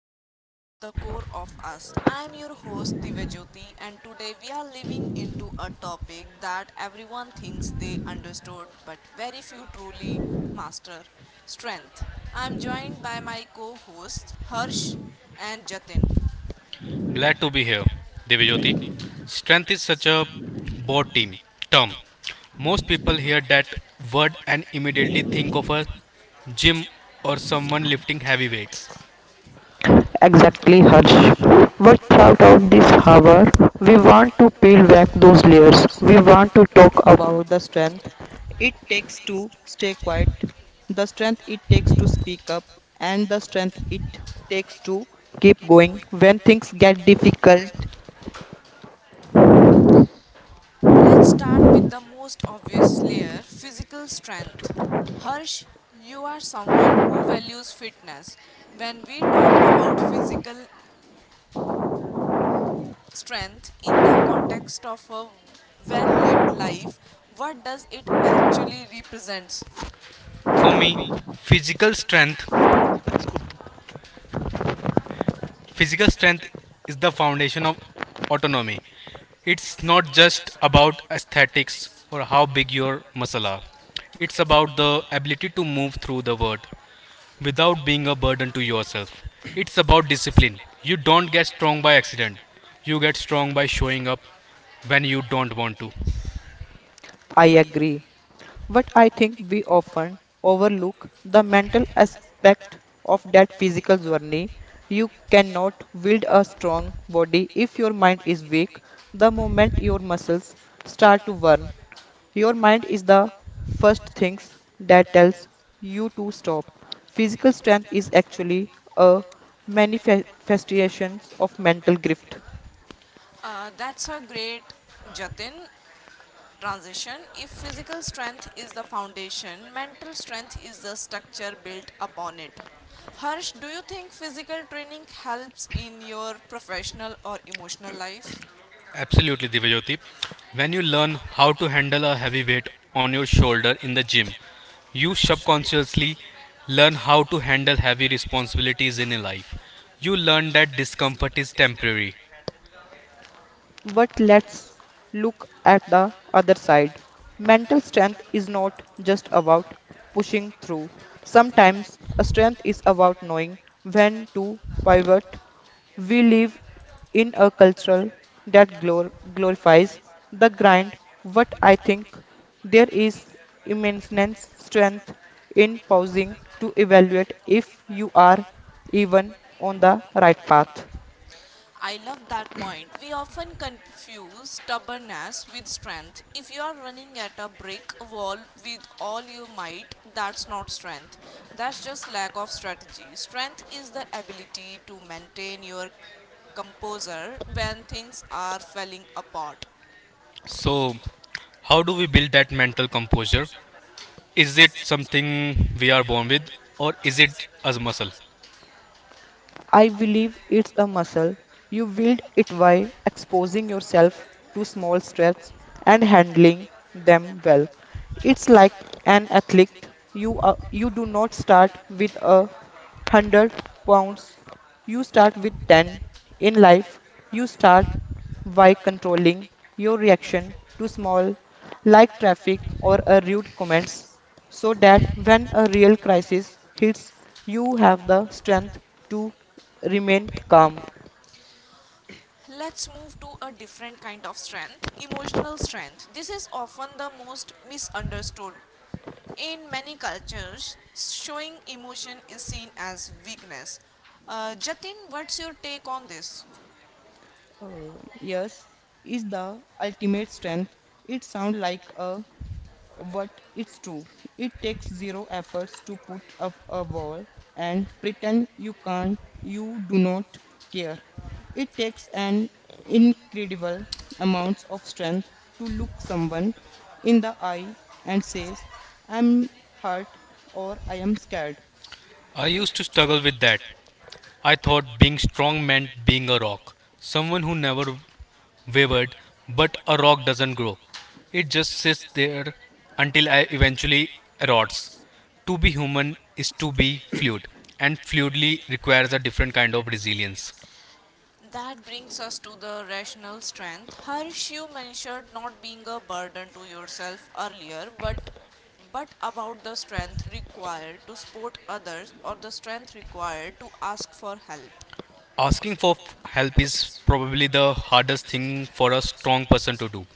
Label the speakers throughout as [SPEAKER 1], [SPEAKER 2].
[SPEAKER 1] episode of The Core of Us. I am your host Divyajyoti, and today we are living into a topic that everyone thinks they understood but very few truly master. Strength. I am joined by my co-hosts Harsh and Jatin.
[SPEAKER 2] Glad to
[SPEAKER 1] Glad
[SPEAKER 2] be
[SPEAKER 1] to be
[SPEAKER 2] here,
[SPEAKER 1] here,
[SPEAKER 2] Devyajyoti.
[SPEAKER 1] Divyajyoti.
[SPEAKER 2] Strength is such
[SPEAKER 1] Such
[SPEAKER 2] a
[SPEAKER 1] a
[SPEAKER 2] broad
[SPEAKER 1] broad
[SPEAKER 2] team
[SPEAKER 1] team
[SPEAKER 2] term.
[SPEAKER 1] term
[SPEAKER 2] Most people
[SPEAKER 1] that,
[SPEAKER 2] hear that
[SPEAKER 1] that
[SPEAKER 2] word and immediately
[SPEAKER 1] immediately
[SPEAKER 2] think
[SPEAKER 1] think
[SPEAKER 2] of
[SPEAKER 1] of
[SPEAKER 2] a
[SPEAKER 1] a
[SPEAKER 2] gym
[SPEAKER 1] gym
[SPEAKER 2] or
[SPEAKER 1] or
[SPEAKER 2] someone
[SPEAKER 1] someone
[SPEAKER 2] lifting
[SPEAKER 1] lifting
[SPEAKER 2] heavy
[SPEAKER 1] heavy
[SPEAKER 2] weights.
[SPEAKER 1] weights. Let's start with the most obvious layer, physical strength. Harsh, you are someone who values fitness. When we talk about physical strength in the context of a well lived life, what does it actually represent? For
[SPEAKER 2] For
[SPEAKER 1] me,
[SPEAKER 2] me, physical
[SPEAKER 1] physical
[SPEAKER 2] strength
[SPEAKER 1] strength is
[SPEAKER 2] physical strength
[SPEAKER 1] the
[SPEAKER 2] is the foundation of
[SPEAKER 1] foundation of
[SPEAKER 2] autonomy.
[SPEAKER 1] autonomy.
[SPEAKER 2] It's
[SPEAKER 1] It's not
[SPEAKER 2] not just
[SPEAKER 1] just
[SPEAKER 2] about
[SPEAKER 1] about
[SPEAKER 2] aesthetics
[SPEAKER 1] athletics,
[SPEAKER 2] or how big
[SPEAKER 1] like
[SPEAKER 2] your
[SPEAKER 1] your
[SPEAKER 2] muscle
[SPEAKER 1] muscle
[SPEAKER 2] are.
[SPEAKER 1] up,
[SPEAKER 2] It's about the
[SPEAKER 1] the
[SPEAKER 2] ability to
[SPEAKER 1] to
[SPEAKER 2] move
[SPEAKER 1] move
[SPEAKER 2] through the
[SPEAKER 1] the
[SPEAKER 2] world
[SPEAKER 1] word.
[SPEAKER 2] without being
[SPEAKER 1] A
[SPEAKER 2] a burden to
[SPEAKER 1] burden to
[SPEAKER 2] yourself. It's
[SPEAKER 1] yourself.
[SPEAKER 2] about discipline.
[SPEAKER 1] Discipline. You
[SPEAKER 2] You don't get strong
[SPEAKER 1] learn
[SPEAKER 2] by
[SPEAKER 1] by
[SPEAKER 2] accident.
[SPEAKER 1] accident.
[SPEAKER 2] You
[SPEAKER 1] You
[SPEAKER 2] get strong
[SPEAKER 1] learn
[SPEAKER 2] by
[SPEAKER 1] by
[SPEAKER 2] showing
[SPEAKER 1] showing
[SPEAKER 2] up
[SPEAKER 1] up.
[SPEAKER 2] when you don't want to.
[SPEAKER 1] That's a great Jatin transition. If physical strength is the foundation, mental strength is the structure built upon it. Harsh, do you think physical training helps in your professional or emotional life?
[SPEAKER 2] Absolutely,
[SPEAKER 1] Absolutely,
[SPEAKER 2] Divyajyoti.
[SPEAKER 1] Divyajyoti.
[SPEAKER 2] When you
[SPEAKER 1] You
[SPEAKER 2] learn
[SPEAKER 1] learn
[SPEAKER 2] how
[SPEAKER 1] how
[SPEAKER 2] to
[SPEAKER 1] to
[SPEAKER 2] handle a
[SPEAKER 1] handle a
[SPEAKER 2] heavy
[SPEAKER 1] heavy
[SPEAKER 2] weight
[SPEAKER 1] weight
[SPEAKER 2] on your
[SPEAKER 1] on your
[SPEAKER 2] shoulder
[SPEAKER 1] shoulder
[SPEAKER 2] in the
[SPEAKER 1] in the
[SPEAKER 2] gym,
[SPEAKER 1] gym.
[SPEAKER 2] you
[SPEAKER 1] You
[SPEAKER 2] subconsciously learn
[SPEAKER 1] learn
[SPEAKER 2] how to
[SPEAKER 1] how to
[SPEAKER 2] handle heavy
[SPEAKER 1] heavy response
[SPEAKER 2] responsibilities in your
[SPEAKER 1] in a
[SPEAKER 2] life. You
[SPEAKER 1] life.
[SPEAKER 2] learn that discomfort is temporary.
[SPEAKER 1] I love that point. We often confuse stubbornness with strength. If you are running at a brick wall with all your might, that's not strength. That's just lack of strategy. Strength is the ability to maintain your composure when things are falling apart.
[SPEAKER 2] So, how do we build that mental composure? Is it something we are born with, or is it as muscle?
[SPEAKER 1] Let's move to a different kind of strength, emotional strength. This is often the most misunderstood. In many cultures, showing emotion is seen as weakness. Jatin, what's your take on this?
[SPEAKER 2] I
[SPEAKER 1] I
[SPEAKER 2] used
[SPEAKER 1] used
[SPEAKER 2] to
[SPEAKER 1] to
[SPEAKER 2] struggle
[SPEAKER 1] struggle
[SPEAKER 2] with
[SPEAKER 1] with
[SPEAKER 2] that.
[SPEAKER 1] that.
[SPEAKER 2] I
[SPEAKER 1] I thought
[SPEAKER 2] thought
[SPEAKER 1] being
[SPEAKER 2] being strong meant being a rock,
[SPEAKER 1] some
[SPEAKER 2] someone who never
[SPEAKER 1] way,
[SPEAKER 2] wavered,
[SPEAKER 1] but
[SPEAKER 2] but a rock doesn't grow.
[SPEAKER 1] true.
[SPEAKER 2] It
[SPEAKER 1] It
[SPEAKER 2] just sits there until I
[SPEAKER 1] eventually
[SPEAKER 2] eventually
[SPEAKER 1] erupts
[SPEAKER 2] erodes. To be human is to be
[SPEAKER 1] fluid
[SPEAKER 2] fluid,
[SPEAKER 1] and
[SPEAKER 2] and
[SPEAKER 1] fluidly
[SPEAKER 2] fluidly
[SPEAKER 1] requires
[SPEAKER 2] requires a different kind of
[SPEAKER 1] resilience.
[SPEAKER 2] resilience.
[SPEAKER 1] That brings us to the rational strength. Harsh, you mentioned not being a burden to yourself earlier, but about the strength required to support others or the strength required to ask for help.
[SPEAKER 2] Asking for help
[SPEAKER 1] Help
[SPEAKER 2] is
[SPEAKER 1] is
[SPEAKER 2] probably
[SPEAKER 1] probably
[SPEAKER 2] the
[SPEAKER 1] the
[SPEAKER 2] hardest
[SPEAKER 1] hardest thing
[SPEAKER 2] thing for a
[SPEAKER 1] for a
[SPEAKER 2] strong
[SPEAKER 1] strong
[SPEAKER 2] person to
[SPEAKER 1] person to
[SPEAKER 2] do.
[SPEAKER 1] do.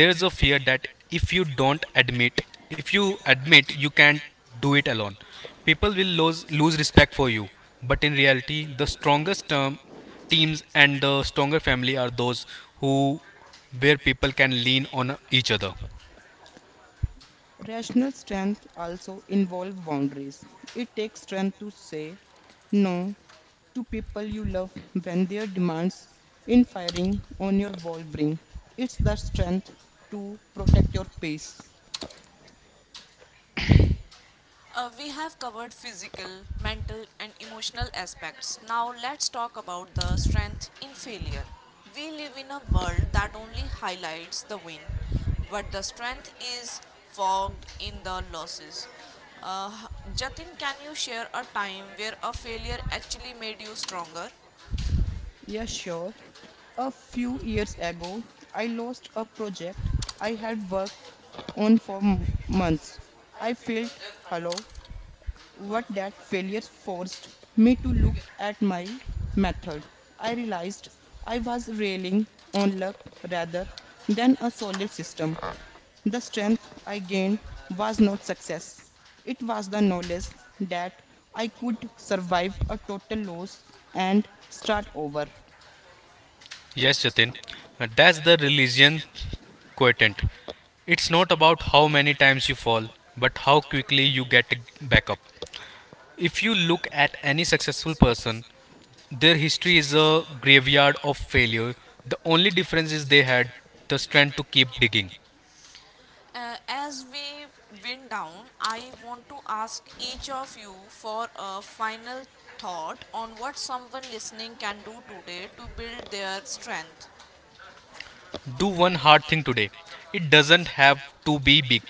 [SPEAKER 2] There is
[SPEAKER 1] There
[SPEAKER 2] a
[SPEAKER 1] is a
[SPEAKER 2] fear
[SPEAKER 1] fear
[SPEAKER 2] that
[SPEAKER 1] that
[SPEAKER 2] if you
[SPEAKER 1] if you
[SPEAKER 2] don't
[SPEAKER 1] don't
[SPEAKER 2] admit
[SPEAKER 1] admit,
[SPEAKER 2] if you
[SPEAKER 1] if you
[SPEAKER 2] admit
[SPEAKER 1] admit
[SPEAKER 2] you
[SPEAKER 1] you
[SPEAKER 2] can't
[SPEAKER 1] can't
[SPEAKER 2] do it
[SPEAKER 1] do it
[SPEAKER 2] alone,
[SPEAKER 1] alone,
[SPEAKER 2] people
[SPEAKER 1] people
[SPEAKER 2] will
[SPEAKER 1] will
[SPEAKER 2] lose
[SPEAKER 1] lose
[SPEAKER 2] lose
[SPEAKER 1] lose
[SPEAKER 2] respect
[SPEAKER 1] respect
[SPEAKER 2] for
[SPEAKER 1] for
[SPEAKER 2] you,
[SPEAKER 1] you.
[SPEAKER 2] but
[SPEAKER 1] But
[SPEAKER 2] in
[SPEAKER 1] in
[SPEAKER 2] reality
[SPEAKER 1] reality,
[SPEAKER 2] the
[SPEAKER 1] the
[SPEAKER 2] strongest
[SPEAKER 1] strongest
[SPEAKER 2] teams
[SPEAKER 1] teams
[SPEAKER 2] and
[SPEAKER 1] and
[SPEAKER 2] the
[SPEAKER 1] the
[SPEAKER 2] stronger
[SPEAKER 1] stronger
[SPEAKER 2] family are
[SPEAKER 1] family are
[SPEAKER 2] those
[SPEAKER 1] those
[SPEAKER 2] who
[SPEAKER 1] who
[SPEAKER 2] where
[SPEAKER 1] where
[SPEAKER 2] people
[SPEAKER 1] people
[SPEAKER 2] can
[SPEAKER 1] can
[SPEAKER 2] lean
[SPEAKER 1] lean
[SPEAKER 2] on
[SPEAKER 1] on
[SPEAKER 2] each
[SPEAKER 1] each
[SPEAKER 2] other.
[SPEAKER 1] other. We have covered physical, mental, and emotional aspects. Now let's talk about the strength in failure. We live in a world that only highlights the win, but the strength is fogged in the losses. Uh, Jatin, can you share a time where a failure actually made you stronger?
[SPEAKER 2] Yes,
[SPEAKER 1] Yes,
[SPEAKER 2] Jatin. That's the religion quotient. It's not about how many
[SPEAKER 1] so
[SPEAKER 2] times you fall, but how quickly you get back up. If you look at any successful person, their history is a graveyard of failure. The only difference is they had the strength to keep digging.
[SPEAKER 1] As we wind down, I want to ask each of you for a final thought on what someone listening can do today to build their strength.
[SPEAKER 2] Do one hard thing today. It doesn't have to be big.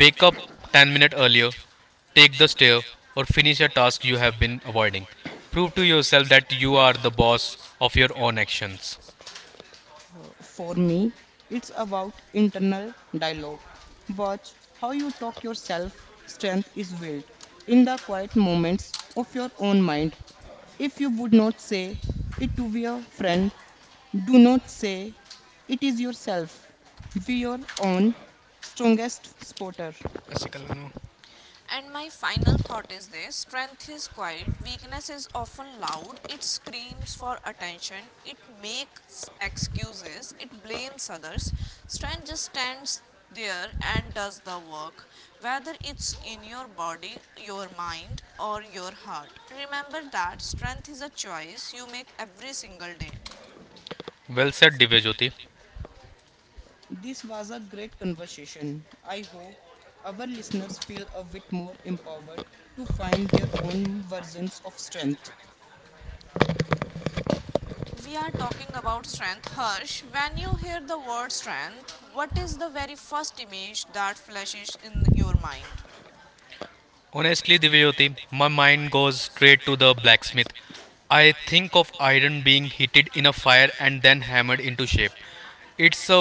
[SPEAKER 1] Wake up
[SPEAKER 2] up
[SPEAKER 1] and
[SPEAKER 2] 10 minutes
[SPEAKER 1] earlier.
[SPEAKER 2] earlier,
[SPEAKER 1] Take
[SPEAKER 2] take the
[SPEAKER 1] care,
[SPEAKER 2] stair, or finish
[SPEAKER 1] finish
[SPEAKER 2] a
[SPEAKER 1] a
[SPEAKER 2] task
[SPEAKER 1] task
[SPEAKER 2] you
[SPEAKER 1] you
[SPEAKER 2] have
[SPEAKER 1] have been
[SPEAKER 2] been
[SPEAKER 1] avoiding.
[SPEAKER 2] avoiding. Prove
[SPEAKER 1] Prove
[SPEAKER 2] to
[SPEAKER 1] to yourself
[SPEAKER 2] yourself
[SPEAKER 1] that
[SPEAKER 2] that
[SPEAKER 1] you
[SPEAKER 2] you are
[SPEAKER 1] are
[SPEAKER 2] the
[SPEAKER 1] the
[SPEAKER 2] boss
[SPEAKER 1] boss
[SPEAKER 2] of
[SPEAKER 1] of
[SPEAKER 2] your
[SPEAKER 1] your own
[SPEAKER 2] own actions.
[SPEAKER 1] actions. And my final thought is this: strength is quiet, weakness is often loud, it screams for attention, it makes excuses, it blames others. Strength just stands there and does the work, whether it's in your body, your mind, or your heart. Remember that strength is a choice you make every single day.
[SPEAKER 2] Well said, Divyajyoti.
[SPEAKER 1] We are talking about strength. Harsh, when you hear the word strength, what is the very first image that flashes in your mind?
[SPEAKER 2] Honestly,
[SPEAKER 1] Honestly, Divya, the
[SPEAKER 2] Divyoti, my
[SPEAKER 1] my mind
[SPEAKER 2] mind goes
[SPEAKER 1] goes
[SPEAKER 2] straight
[SPEAKER 1] straight
[SPEAKER 2] to
[SPEAKER 1] to the
[SPEAKER 2] the
[SPEAKER 1] blacksmith.
[SPEAKER 2] blacksmith.
[SPEAKER 1] I
[SPEAKER 2] I
[SPEAKER 1] think
[SPEAKER 2] think of
[SPEAKER 1] iron
[SPEAKER 2] iron
[SPEAKER 1] being
[SPEAKER 2] being
[SPEAKER 1] heated
[SPEAKER 2] heated in a
[SPEAKER 1] enough
[SPEAKER 2] fire and then hammered into
[SPEAKER 1] to
[SPEAKER 2] shape.
[SPEAKER 1] shape it
[SPEAKER 2] It's a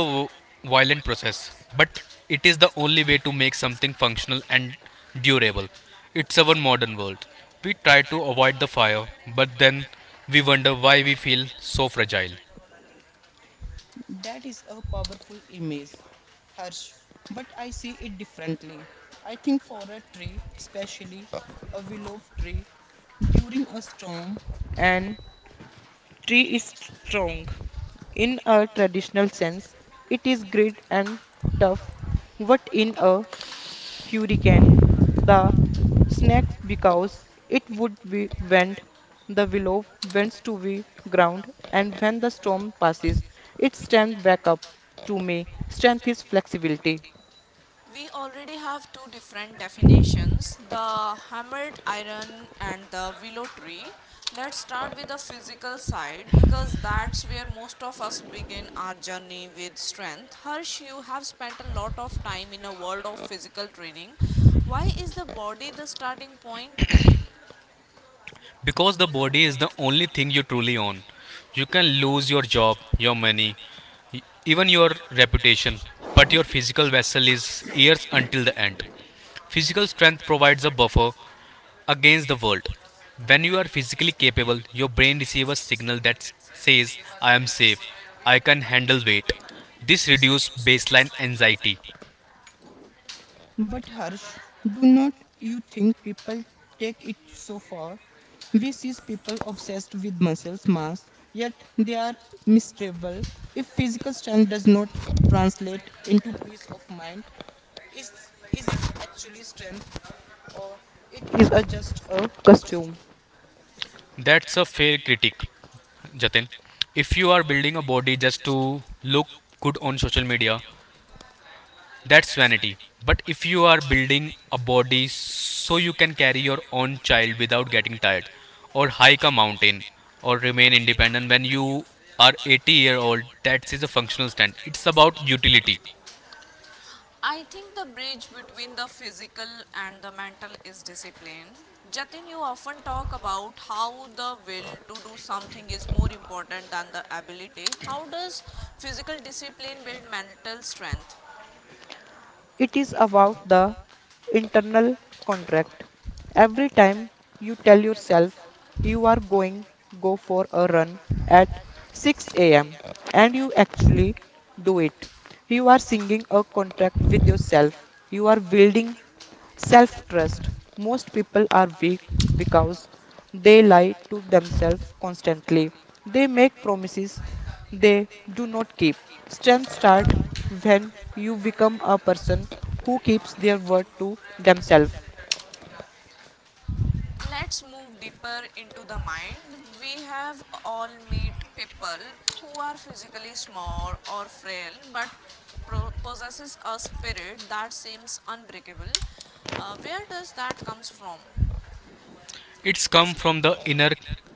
[SPEAKER 1] wireless,
[SPEAKER 2] violent process,
[SPEAKER 1] but
[SPEAKER 2] but
[SPEAKER 1] it
[SPEAKER 2] it
[SPEAKER 1] is
[SPEAKER 2] is
[SPEAKER 1] the
[SPEAKER 2] the
[SPEAKER 1] only
[SPEAKER 2] only
[SPEAKER 1] way
[SPEAKER 2] way to make something
[SPEAKER 1] functional
[SPEAKER 2] functional
[SPEAKER 1] and
[SPEAKER 2] and
[SPEAKER 1] durable.
[SPEAKER 2] durable. It's
[SPEAKER 1] It's a
[SPEAKER 2] our
[SPEAKER 1] world.
[SPEAKER 2] modern world.
[SPEAKER 1] We
[SPEAKER 2] We try
[SPEAKER 1] tried,
[SPEAKER 2] to avoid the fire,
[SPEAKER 1] but
[SPEAKER 2] but then
[SPEAKER 1] we
[SPEAKER 2] we
[SPEAKER 1] were
[SPEAKER 2] wonder why
[SPEAKER 1] we
[SPEAKER 2] we
[SPEAKER 1] feel
[SPEAKER 2] feel
[SPEAKER 1] so.
[SPEAKER 2] so fragile.
[SPEAKER 1] We already have two different definitions, the hammered iron and the willow tree. Let's start with the physical side because that's where most of us begin our journey with strength. Harsh, you have spent a lot of time in a world of physical training. Why is the body the starting point?
[SPEAKER 2] Because the body is
[SPEAKER 1] Body
[SPEAKER 2] the
[SPEAKER 1] is the
[SPEAKER 2] only
[SPEAKER 1] only
[SPEAKER 2] thing you
[SPEAKER 1] thing you
[SPEAKER 2] truly
[SPEAKER 1] truly
[SPEAKER 2] own.
[SPEAKER 1] own.
[SPEAKER 2] You can
[SPEAKER 1] You can
[SPEAKER 2] lose your
[SPEAKER 1] lose your
[SPEAKER 2] job,
[SPEAKER 1] job,
[SPEAKER 2] your
[SPEAKER 1] your
[SPEAKER 2] money,
[SPEAKER 1] money,
[SPEAKER 2] even
[SPEAKER 1] even
[SPEAKER 2] your
[SPEAKER 1] your
[SPEAKER 2] reputation,
[SPEAKER 1] reputation, but
[SPEAKER 2] but your physical
[SPEAKER 1] physical
[SPEAKER 2] vessel
[SPEAKER 1] vessel
[SPEAKER 2] is
[SPEAKER 1] is
[SPEAKER 2] yours
[SPEAKER 1] here
[SPEAKER 2] until
[SPEAKER 1] at
[SPEAKER 2] the
[SPEAKER 1] the
[SPEAKER 2] end.
[SPEAKER 1] end.
[SPEAKER 2] Physical strength provides a
[SPEAKER 1] Provides a
[SPEAKER 2] buffer
[SPEAKER 1] buffer
[SPEAKER 2] against the
[SPEAKER 1] against the
[SPEAKER 2] world.
[SPEAKER 1] world.
[SPEAKER 2] When you
[SPEAKER 1] When
[SPEAKER 2] are
[SPEAKER 1] you are
[SPEAKER 2] physically capable,
[SPEAKER 1] capable,
[SPEAKER 2] your
[SPEAKER 1] your
[SPEAKER 2] brain
[SPEAKER 1] brain
[SPEAKER 2] receives
[SPEAKER 1] is
[SPEAKER 2] a signal that
[SPEAKER 1] that
[SPEAKER 2] says,
[SPEAKER 1] says,
[SPEAKER 2] I am
[SPEAKER 1] I am
[SPEAKER 2] safe,
[SPEAKER 1] safe,
[SPEAKER 2] I can handle
[SPEAKER 1] I'll
[SPEAKER 2] weight.
[SPEAKER 1] wait.
[SPEAKER 2] This
[SPEAKER 1] This
[SPEAKER 2] reduces
[SPEAKER 1] reduces
[SPEAKER 2] baseline
[SPEAKER 1] baseline
[SPEAKER 2] anxiety.
[SPEAKER 1] anxiety.
[SPEAKER 2] That's a
[SPEAKER 1] That's a
[SPEAKER 2] fair
[SPEAKER 1] fair
[SPEAKER 2] critique,
[SPEAKER 1] critique,
[SPEAKER 2] Jatin.
[SPEAKER 1] Jatin. If
[SPEAKER 2] If
[SPEAKER 1] you
[SPEAKER 2] you are
[SPEAKER 1] are
[SPEAKER 2] building a
[SPEAKER 1] building a
[SPEAKER 2] body
[SPEAKER 1] body
[SPEAKER 2] just
[SPEAKER 1] just to
[SPEAKER 2] to look
[SPEAKER 1] look
[SPEAKER 2] good
[SPEAKER 1] good
[SPEAKER 2] on
[SPEAKER 1] on
[SPEAKER 2] social
[SPEAKER 1] social
[SPEAKER 2] media,
[SPEAKER 1] media,
[SPEAKER 2] that's
[SPEAKER 1] that's vanity.
[SPEAKER 2] vanity. But
[SPEAKER 1] But if you
[SPEAKER 2] if you are
[SPEAKER 1] are building
[SPEAKER 2] building
[SPEAKER 1] a
[SPEAKER 2] a body
[SPEAKER 1] body so
[SPEAKER 2] so you
[SPEAKER 1] you can
[SPEAKER 2] can carry
[SPEAKER 1] carry your
[SPEAKER 2] your
[SPEAKER 1] own
[SPEAKER 2] own
[SPEAKER 1] child
[SPEAKER 2] child
[SPEAKER 1] without
[SPEAKER 2] without
[SPEAKER 1] getting
[SPEAKER 2] getting
[SPEAKER 1] tired
[SPEAKER 2] tired,
[SPEAKER 1] or,
[SPEAKER 2] or hike a mountain,
[SPEAKER 1] or
[SPEAKER 2] or remain
[SPEAKER 1] remain
[SPEAKER 2] independent when you
[SPEAKER 1] independent,
[SPEAKER 2] are
[SPEAKER 1] our
[SPEAKER 2] 80
[SPEAKER 1] 80
[SPEAKER 2] year
[SPEAKER 1] year old,
[SPEAKER 2] old, that is a functional stand. It's
[SPEAKER 1] that's about
[SPEAKER 2] about utility.
[SPEAKER 1] utility. I think the bridge between the physical and the mental is discipline. Jatin, you often talk about how the will to do something is more important than the ability. How does physical discipline build mental strength? Let's move deeper into the mind. We have all meet people who are physically small or frail but possesses a spirit that seems unbreakable. Where does that comes from?
[SPEAKER 2] It's come from the inner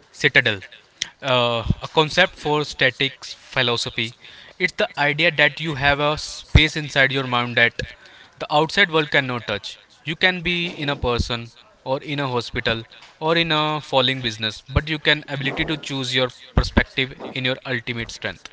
[SPEAKER 2] citadel,
[SPEAKER 1] uh,
[SPEAKER 2] a concept for statics philosophy. It's the idea that you have a space inside your mind that the outside world cannot touch. You can be in a person or in a hospital or in a falling business, but you can ability to choose your perspective in your ultimate strength.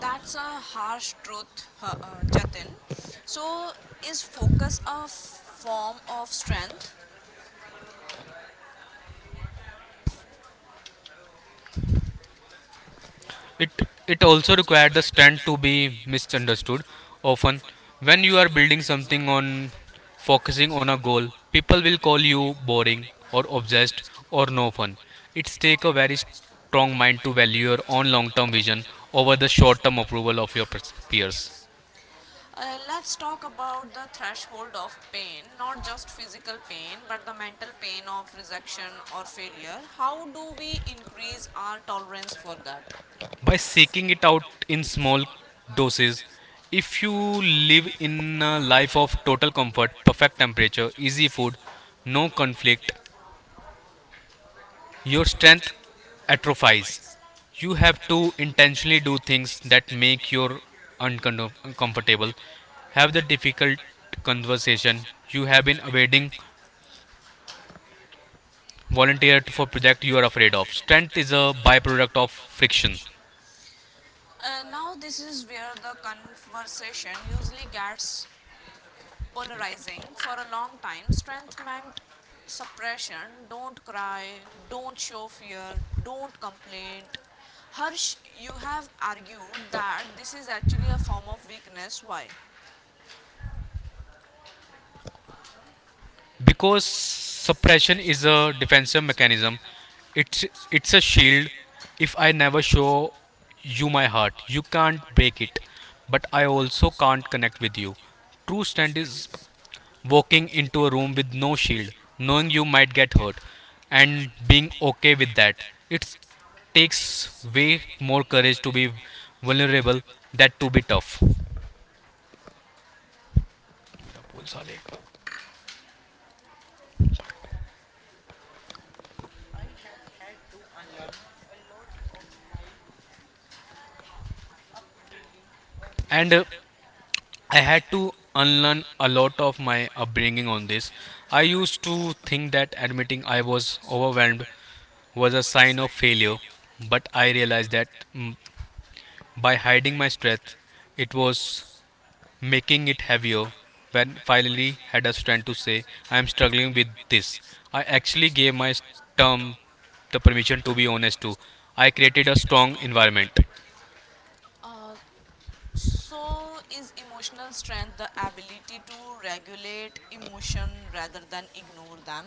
[SPEAKER 1] That's a harsh truth, Jatin. So, is focus a form of strength?
[SPEAKER 2] It it also required the stand to be misunderstood. Often, when you are
[SPEAKER 1] Getting
[SPEAKER 2] building
[SPEAKER 1] something
[SPEAKER 2] something
[SPEAKER 1] on
[SPEAKER 2] on
[SPEAKER 1] or focusing
[SPEAKER 2] focusing on
[SPEAKER 1] on
[SPEAKER 2] a
[SPEAKER 1] a goal,
[SPEAKER 2] goal, people
[SPEAKER 1] people
[SPEAKER 2] will
[SPEAKER 1] will
[SPEAKER 2] call
[SPEAKER 1] call you
[SPEAKER 2] you
[SPEAKER 1] boring
[SPEAKER 2] boring or
[SPEAKER 1] or
[SPEAKER 2] obsessed
[SPEAKER 1] possessed
[SPEAKER 2] or
[SPEAKER 1] or
[SPEAKER 2] no
[SPEAKER 1] no fun.
[SPEAKER 2] fun. It's
[SPEAKER 1] It's take
[SPEAKER 2] take a
[SPEAKER 1] a
[SPEAKER 2] very
[SPEAKER 1] very strong
[SPEAKER 2] strong mind
[SPEAKER 1] mind
[SPEAKER 2] to
[SPEAKER 1] to
[SPEAKER 2] value
[SPEAKER 1] value
[SPEAKER 2] your
[SPEAKER 1] your
[SPEAKER 2] own
[SPEAKER 1] own
[SPEAKER 2] long-term
[SPEAKER 1] long-term
[SPEAKER 2] vision
[SPEAKER 1] vision
[SPEAKER 2] over the
[SPEAKER 1] over the
[SPEAKER 2] short-term
[SPEAKER 1] short-term
[SPEAKER 2] approval
[SPEAKER 1] approval
[SPEAKER 2] of
[SPEAKER 1] of
[SPEAKER 2] your
[SPEAKER 1] your
[SPEAKER 2] peers.
[SPEAKER 1] peers. Let's talk about the threshold of pain, not just physical pain, but the mental pain of rejection or failure. How do we increase our tolerance for that? By
[SPEAKER 2] By
[SPEAKER 1] seeking
[SPEAKER 2] seeking it out
[SPEAKER 1] in
[SPEAKER 2] in
[SPEAKER 1] small
[SPEAKER 2] small
[SPEAKER 1] doses,
[SPEAKER 2] doses,
[SPEAKER 1] if
[SPEAKER 2] if
[SPEAKER 1] you
[SPEAKER 2] you
[SPEAKER 1] live
[SPEAKER 2] live
[SPEAKER 1] in
[SPEAKER 2] in a
[SPEAKER 1] a life
[SPEAKER 2] life of total comfort, perfect temperature, easy
[SPEAKER 1] support,
[SPEAKER 2] food,
[SPEAKER 1] no
[SPEAKER 2] no conflict,
[SPEAKER 1] conflict. Your
[SPEAKER 2] your
[SPEAKER 1] strength
[SPEAKER 2] strength
[SPEAKER 1] at best.
[SPEAKER 2] atrophies.
[SPEAKER 1] You
[SPEAKER 2] You
[SPEAKER 1] have
[SPEAKER 2] have to intentionally
[SPEAKER 1] potentially do
[SPEAKER 2] do things that
[SPEAKER 1] make
[SPEAKER 2] make
[SPEAKER 1] your
[SPEAKER 2] you
[SPEAKER 1] no,
[SPEAKER 2] uncomfortable.
[SPEAKER 1] have
[SPEAKER 2] Have the
[SPEAKER 1] difficult
[SPEAKER 2] difficult
[SPEAKER 1] conversation.
[SPEAKER 2] conversation you
[SPEAKER 1] You
[SPEAKER 2] have
[SPEAKER 1] have
[SPEAKER 2] been
[SPEAKER 1] been
[SPEAKER 2] avoiding.
[SPEAKER 1] waiting,
[SPEAKER 2] Volunteer
[SPEAKER 1] volunteered
[SPEAKER 2] for
[SPEAKER 1] for
[SPEAKER 2] project
[SPEAKER 1] project
[SPEAKER 2] you are
[SPEAKER 1] you are
[SPEAKER 2] afraid
[SPEAKER 1] afraid
[SPEAKER 2] of.
[SPEAKER 1] of.
[SPEAKER 2] Strength
[SPEAKER 1] Strength
[SPEAKER 2] is
[SPEAKER 1] is
[SPEAKER 2] a
[SPEAKER 1] a
[SPEAKER 2] byproduct of
[SPEAKER 1] byproduct of
[SPEAKER 2] friction.
[SPEAKER 1] fiction. Now this is where the conversation usually gets polarizing for a long time. Strength meant suppression, don't cry, don't show fear, don't complain. Harsh, you have argued that this is actually a form of weakness. Why?
[SPEAKER 2] Because
[SPEAKER 1] Because suppression
[SPEAKER 2] suppression
[SPEAKER 1] is
[SPEAKER 2] is
[SPEAKER 1] a,
[SPEAKER 2] a defensive mechanism. It's
[SPEAKER 1] it's
[SPEAKER 2] it's a
[SPEAKER 1] a shield.
[SPEAKER 2] shield. If
[SPEAKER 1] If
[SPEAKER 2] I
[SPEAKER 1] I never
[SPEAKER 2] never
[SPEAKER 1] show
[SPEAKER 2] show
[SPEAKER 1] you
[SPEAKER 2] you
[SPEAKER 1] my
[SPEAKER 2] my
[SPEAKER 1] heart, you
[SPEAKER 2] heart, you
[SPEAKER 1] can't
[SPEAKER 2] can't
[SPEAKER 1] break
[SPEAKER 2] break
[SPEAKER 1] it.
[SPEAKER 2] it,
[SPEAKER 1] But
[SPEAKER 2] but
[SPEAKER 1] I
[SPEAKER 2] I
[SPEAKER 1] also
[SPEAKER 2] also
[SPEAKER 1] can't
[SPEAKER 2] can't
[SPEAKER 1] connect
[SPEAKER 2] connect
[SPEAKER 1] with
[SPEAKER 2] with
[SPEAKER 1] you.
[SPEAKER 2] you. True
[SPEAKER 1] True stand
[SPEAKER 2] strength
[SPEAKER 1] is
[SPEAKER 2] is
[SPEAKER 1] walking, walking
[SPEAKER 2] walking
[SPEAKER 1] into, into a
[SPEAKER 2] into a
[SPEAKER 1] room
[SPEAKER 2] room
[SPEAKER 1] room
[SPEAKER 2] with
[SPEAKER 1] with no
[SPEAKER 2] no
[SPEAKER 1] shield,
[SPEAKER 2] shield,
[SPEAKER 1] knowing
[SPEAKER 2] knowing
[SPEAKER 1] you
[SPEAKER 2] you
[SPEAKER 1] might
[SPEAKER 2] might
[SPEAKER 1] get
[SPEAKER 2] get
[SPEAKER 1] hurt,
[SPEAKER 2] hurt,
[SPEAKER 1] and
[SPEAKER 2] and
[SPEAKER 1] being
[SPEAKER 2] being
[SPEAKER 1] okay
[SPEAKER 2] okay
[SPEAKER 1] with
[SPEAKER 2] with
[SPEAKER 1] that.
[SPEAKER 2] that. It
[SPEAKER 1] It takes
[SPEAKER 2] takes
[SPEAKER 1] way
[SPEAKER 2] way
[SPEAKER 1] more
[SPEAKER 2] more
[SPEAKER 1] courage
[SPEAKER 2] courage
[SPEAKER 1] to
[SPEAKER 2] to
[SPEAKER 1] be
[SPEAKER 2] be
[SPEAKER 1] vulnerable
[SPEAKER 2] vulnerable than
[SPEAKER 1] than to
[SPEAKER 2] to
[SPEAKER 1] be
[SPEAKER 2] be tough.
[SPEAKER 1] tough. And
[SPEAKER 2] And
[SPEAKER 1] I
[SPEAKER 2] I
[SPEAKER 1] had
[SPEAKER 2] had
[SPEAKER 1] to
[SPEAKER 2] to
[SPEAKER 1] unlearn
[SPEAKER 2] unlearn
[SPEAKER 1] a
[SPEAKER 2] a
[SPEAKER 1] lot on
[SPEAKER 2] lot of my upbringing on this.
[SPEAKER 1] this. I
[SPEAKER 2] I used to think that admitting I
[SPEAKER 1] was
[SPEAKER 2] was overwhelmed was
[SPEAKER 1] was
[SPEAKER 2] a sign
[SPEAKER 1] no
[SPEAKER 2] of
[SPEAKER 1] failure,
[SPEAKER 2] failure,
[SPEAKER 1] but
[SPEAKER 2] but I realized that
[SPEAKER 1] but
[SPEAKER 2] mm, by
[SPEAKER 1] it
[SPEAKER 2] hiding my strength, it
[SPEAKER 1] was
[SPEAKER 2] was making it heavier.
[SPEAKER 1] when
[SPEAKER 2] When
[SPEAKER 1] finally
[SPEAKER 2] finally
[SPEAKER 1] had
[SPEAKER 2] had a
[SPEAKER 1] to
[SPEAKER 2] strength to
[SPEAKER 1] say
[SPEAKER 2] say, I am
[SPEAKER 1] I'm
[SPEAKER 2] struggling with
[SPEAKER 1] with this.
[SPEAKER 2] this, I actually
[SPEAKER 1] Actually,
[SPEAKER 2] gave my
[SPEAKER 1] down the
[SPEAKER 2] term the permission to be honest too.
[SPEAKER 1] I
[SPEAKER 2] I created
[SPEAKER 1] created a
[SPEAKER 2] a
[SPEAKER 1] strong
[SPEAKER 2] strong environment.
[SPEAKER 1] environment. So, is emotional strength the ability to regulate emotion rather than ignore them?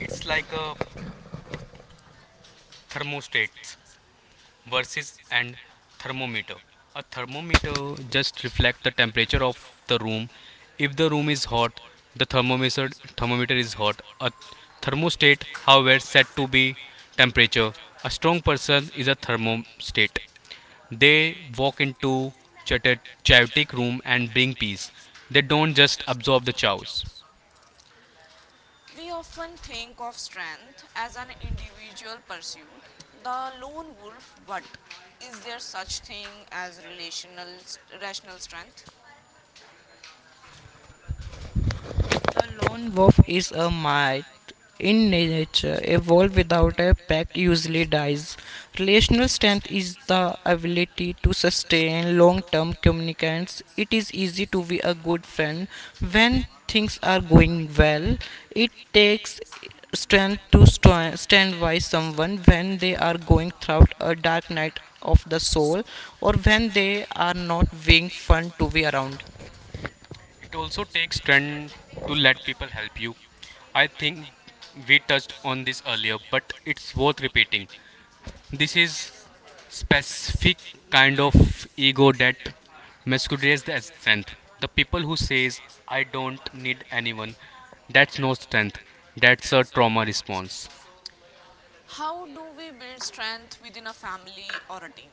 [SPEAKER 2] It's like a thermostat versus
[SPEAKER 1] Versus and
[SPEAKER 2] and thermometer.
[SPEAKER 1] thermometer.
[SPEAKER 2] A
[SPEAKER 1] A
[SPEAKER 2] thermometer
[SPEAKER 1] thermometer
[SPEAKER 2] just
[SPEAKER 1] just
[SPEAKER 2] reflects the
[SPEAKER 1] reflects the
[SPEAKER 2] temperature of
[SPEAKER 1] temperature of
[SPEAKER 2] the
[SPEAKER 1] the
[SPEAKER 2] room.
[SPEAKER 1] room.
[SPEAKER 2] If
[SPEAKER 1] If
[SPEAKER 2] the
[SPEAKER 1] the
[SPEAKER 2] room
[SPEAKER 1] room
[SPEAKER 2] is
[SPEAKER 1] is
[SPEAKER 2] hot,
[SPEAKER 1] hot,
[SPEAKER 2] the
[SPEAKER 1] the
[SPEAKER 2] thermometer
[SPEAKER 1] thermometer
[SPEAKER 2] thermometer
[SPEAKER 1] thermometer
[SPEAKER 2] is
[SPEAKER 1] is
[SPEAKER 2] hot.
[SPEAKER 1] hot.
[SPEAKER 2] A
[SPEAKER 1] A
[SPEAKER 2] thermostat,
[SPEAKER 1] thermostat how well
[SPEAKER 2] however, set
[SPEAKER 1] set
[SPEAKER 2] to
[SPEAKER 1] to
[SPEAKER 2] be
[SPEAKER 1] be
[SPEAKER 2] temperature.
[SPEAKER 1] temperature.
[SPEAKER 2] A
[SPEAKER 1] A
[SPEAKER 2] strong
[SPEAKER 1] strong
[SPEAKER 2] person
[SPEAKER 1] person
[SPEAKER 2] is a
[SPEAKER 1] is a
[SPEAKER 2] thermostat.
[SPEAKER 1] thermostat. They
[SPEAKER 2] They walk
[SPEAKER 1] walk into
[SPEAKER 2] into
[SPEAKER 1] the
[SPEAKER 2] Chatet chaotic
[SPEAKER 1] chaotic
[SPEAKER 2] room
[SPEAKER 1] room
[SPEAKER 2] and
[SPEAKER 1] and
[SPEAKER 2] bring
[SPEAKER 1] bring
[SPEAKER 2] peace.
[SPEAKER 1] peace.
[SPEAKER 2] They
[SPEAKER 1] They
[SPEAKER 2] don't
[SPEAKER 1] don't
[SPEAKER 2] just
[SPEAKER 1] just
[SPEAKER 2] absorb the
[SPEAKER 1] absorb the
[SPEAKER 2] chaos.
[SPEAKER 1] chaos. We often think of strength as an individual pursuit, the lone wolf, but is there such thing as relational rational strength?
[SPEAKER 2] It also takes
[SPEAKER 1] Can
[SPEAKER 2] strength to
[SPEAKER 1] you
[SPEAKER 2] let
[SPEAKER 1] let
[SPEAKER 2] people
[SPEAKER 1] me
[SPEAKER 2] help you.
[SPEAKER 1] help you?
[SPEAKER 2] I
[SPEAKER 1] I
[SPEAKER 2] think
[SPEAKER 1] think
[SPEAKER 2] we
[SPEAKER 1] it
[SPEAKER 2] touched
[SPEAKER 1] touched
[SPEAKER 2] on this earlier,
[SPEAKER 1] earlier.
[SPEAKER 2] but it's
[SPEAKER 1] It
[SPEAKER 2] worth repeating.
[SPEAKER 1] think
[SPEAKER 2] This
[SPEAKER 1] this
[SPEAKER 2] is
[SPEAKER 1] is
[SPEAKER 2] specific
[SPEAKER 1] specific
[SPEAKER 2] kind
[SPEAKER 1] kind of
[SPEAKER 2] of ego
[SPEAKER 1] for
[SPEAKER 2] that
[SPEAKER 1] that it is the
[SPEAKER 2] masquerades as
[SPEAKER 1] strength.
[SPEAKER 2] strength. The
[SPEAKER 1] Says
[SPEAKER 2] people who says I
[SPEAKER 1] I
[SPEAKER 2] don't
[SPEAKER 1] don't
[SPEAKER 2] need
[SPEAKER 1] need
[SPEAKER 2] anyone,
[SPEAKER 1] anyone
[SPEAKER 2] that's no strength.
[SPEAKER 1] strength
[SPEAKER 2] That's a trauma
[SPEAKER 1] trauma
[SPEAKER 2] response.
[SPEAKER 1] response. How do we build strength within a family or a team?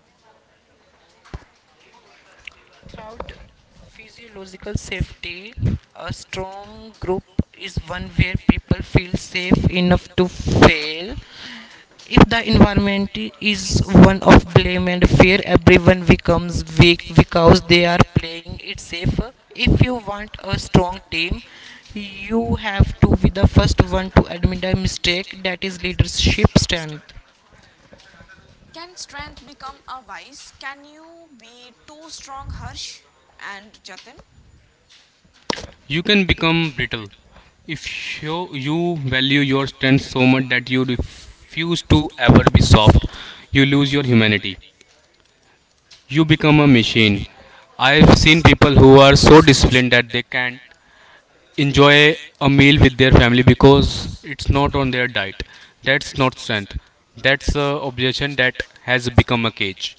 [SPEAKER 1] Can strength become a vice? Can you be too strong, Harsh and Jatin?
[SPEAKER 2] You
[SPEAKER 1] You
[SPEAKER 2] can
[SPEAKER 1] can
[SPEAKER 2] become
[SPEAKER 1] become
[SPEAKER 2] brittle
[SPEAKER 1] brittle,
[SPEAKER 2] if you value your strength so much that you
[SPEAKER 1] beautiful,
[SPEAKER 2] refuse to ever be soft.
[SPEAKER 1] soft,
[SPEAKER 2] You lose your humanity.
[SPEAKER 1] humanity.
[SPEAKER 2] You become a machine.
[SPEAKER 1] Shane,
[SPEAKER 2] I've seen people who are so disciplined that
[SPEAKER 1] I
[SPEAKER 2] they
[SPEAKER 1] can't
[SPEAKER 2] can't enjoy
[SPEAKER 1] say
[SPEAKER 2] a
[SPEAKER 1] a
[SPEAKER 2] meal
[SPEAKER 1] meal
[SPEAKER 2] with
[SPEAKER 1] with
[SPEAKER 2] their
[SPEAKER 1] their
[SPEAKER 2] family
[SPEAKER 1] family
[SPEAKER 2] because
[SPEAKER 1] because
[SPEAKER 2] it's
[SPEAKER 1] it's not
[SPEAKER 2] not on
[SPEAKER 1] on
[SPEAKER 2] their
[SPEAKER 1] their
[SPEAKER 2] diet.
[SPEAKER 1] that
[SPEAKER 2] That's not strength.
[SPEAKER 1] that.
[SPEAKER 2] That's a obsession that has become a cage.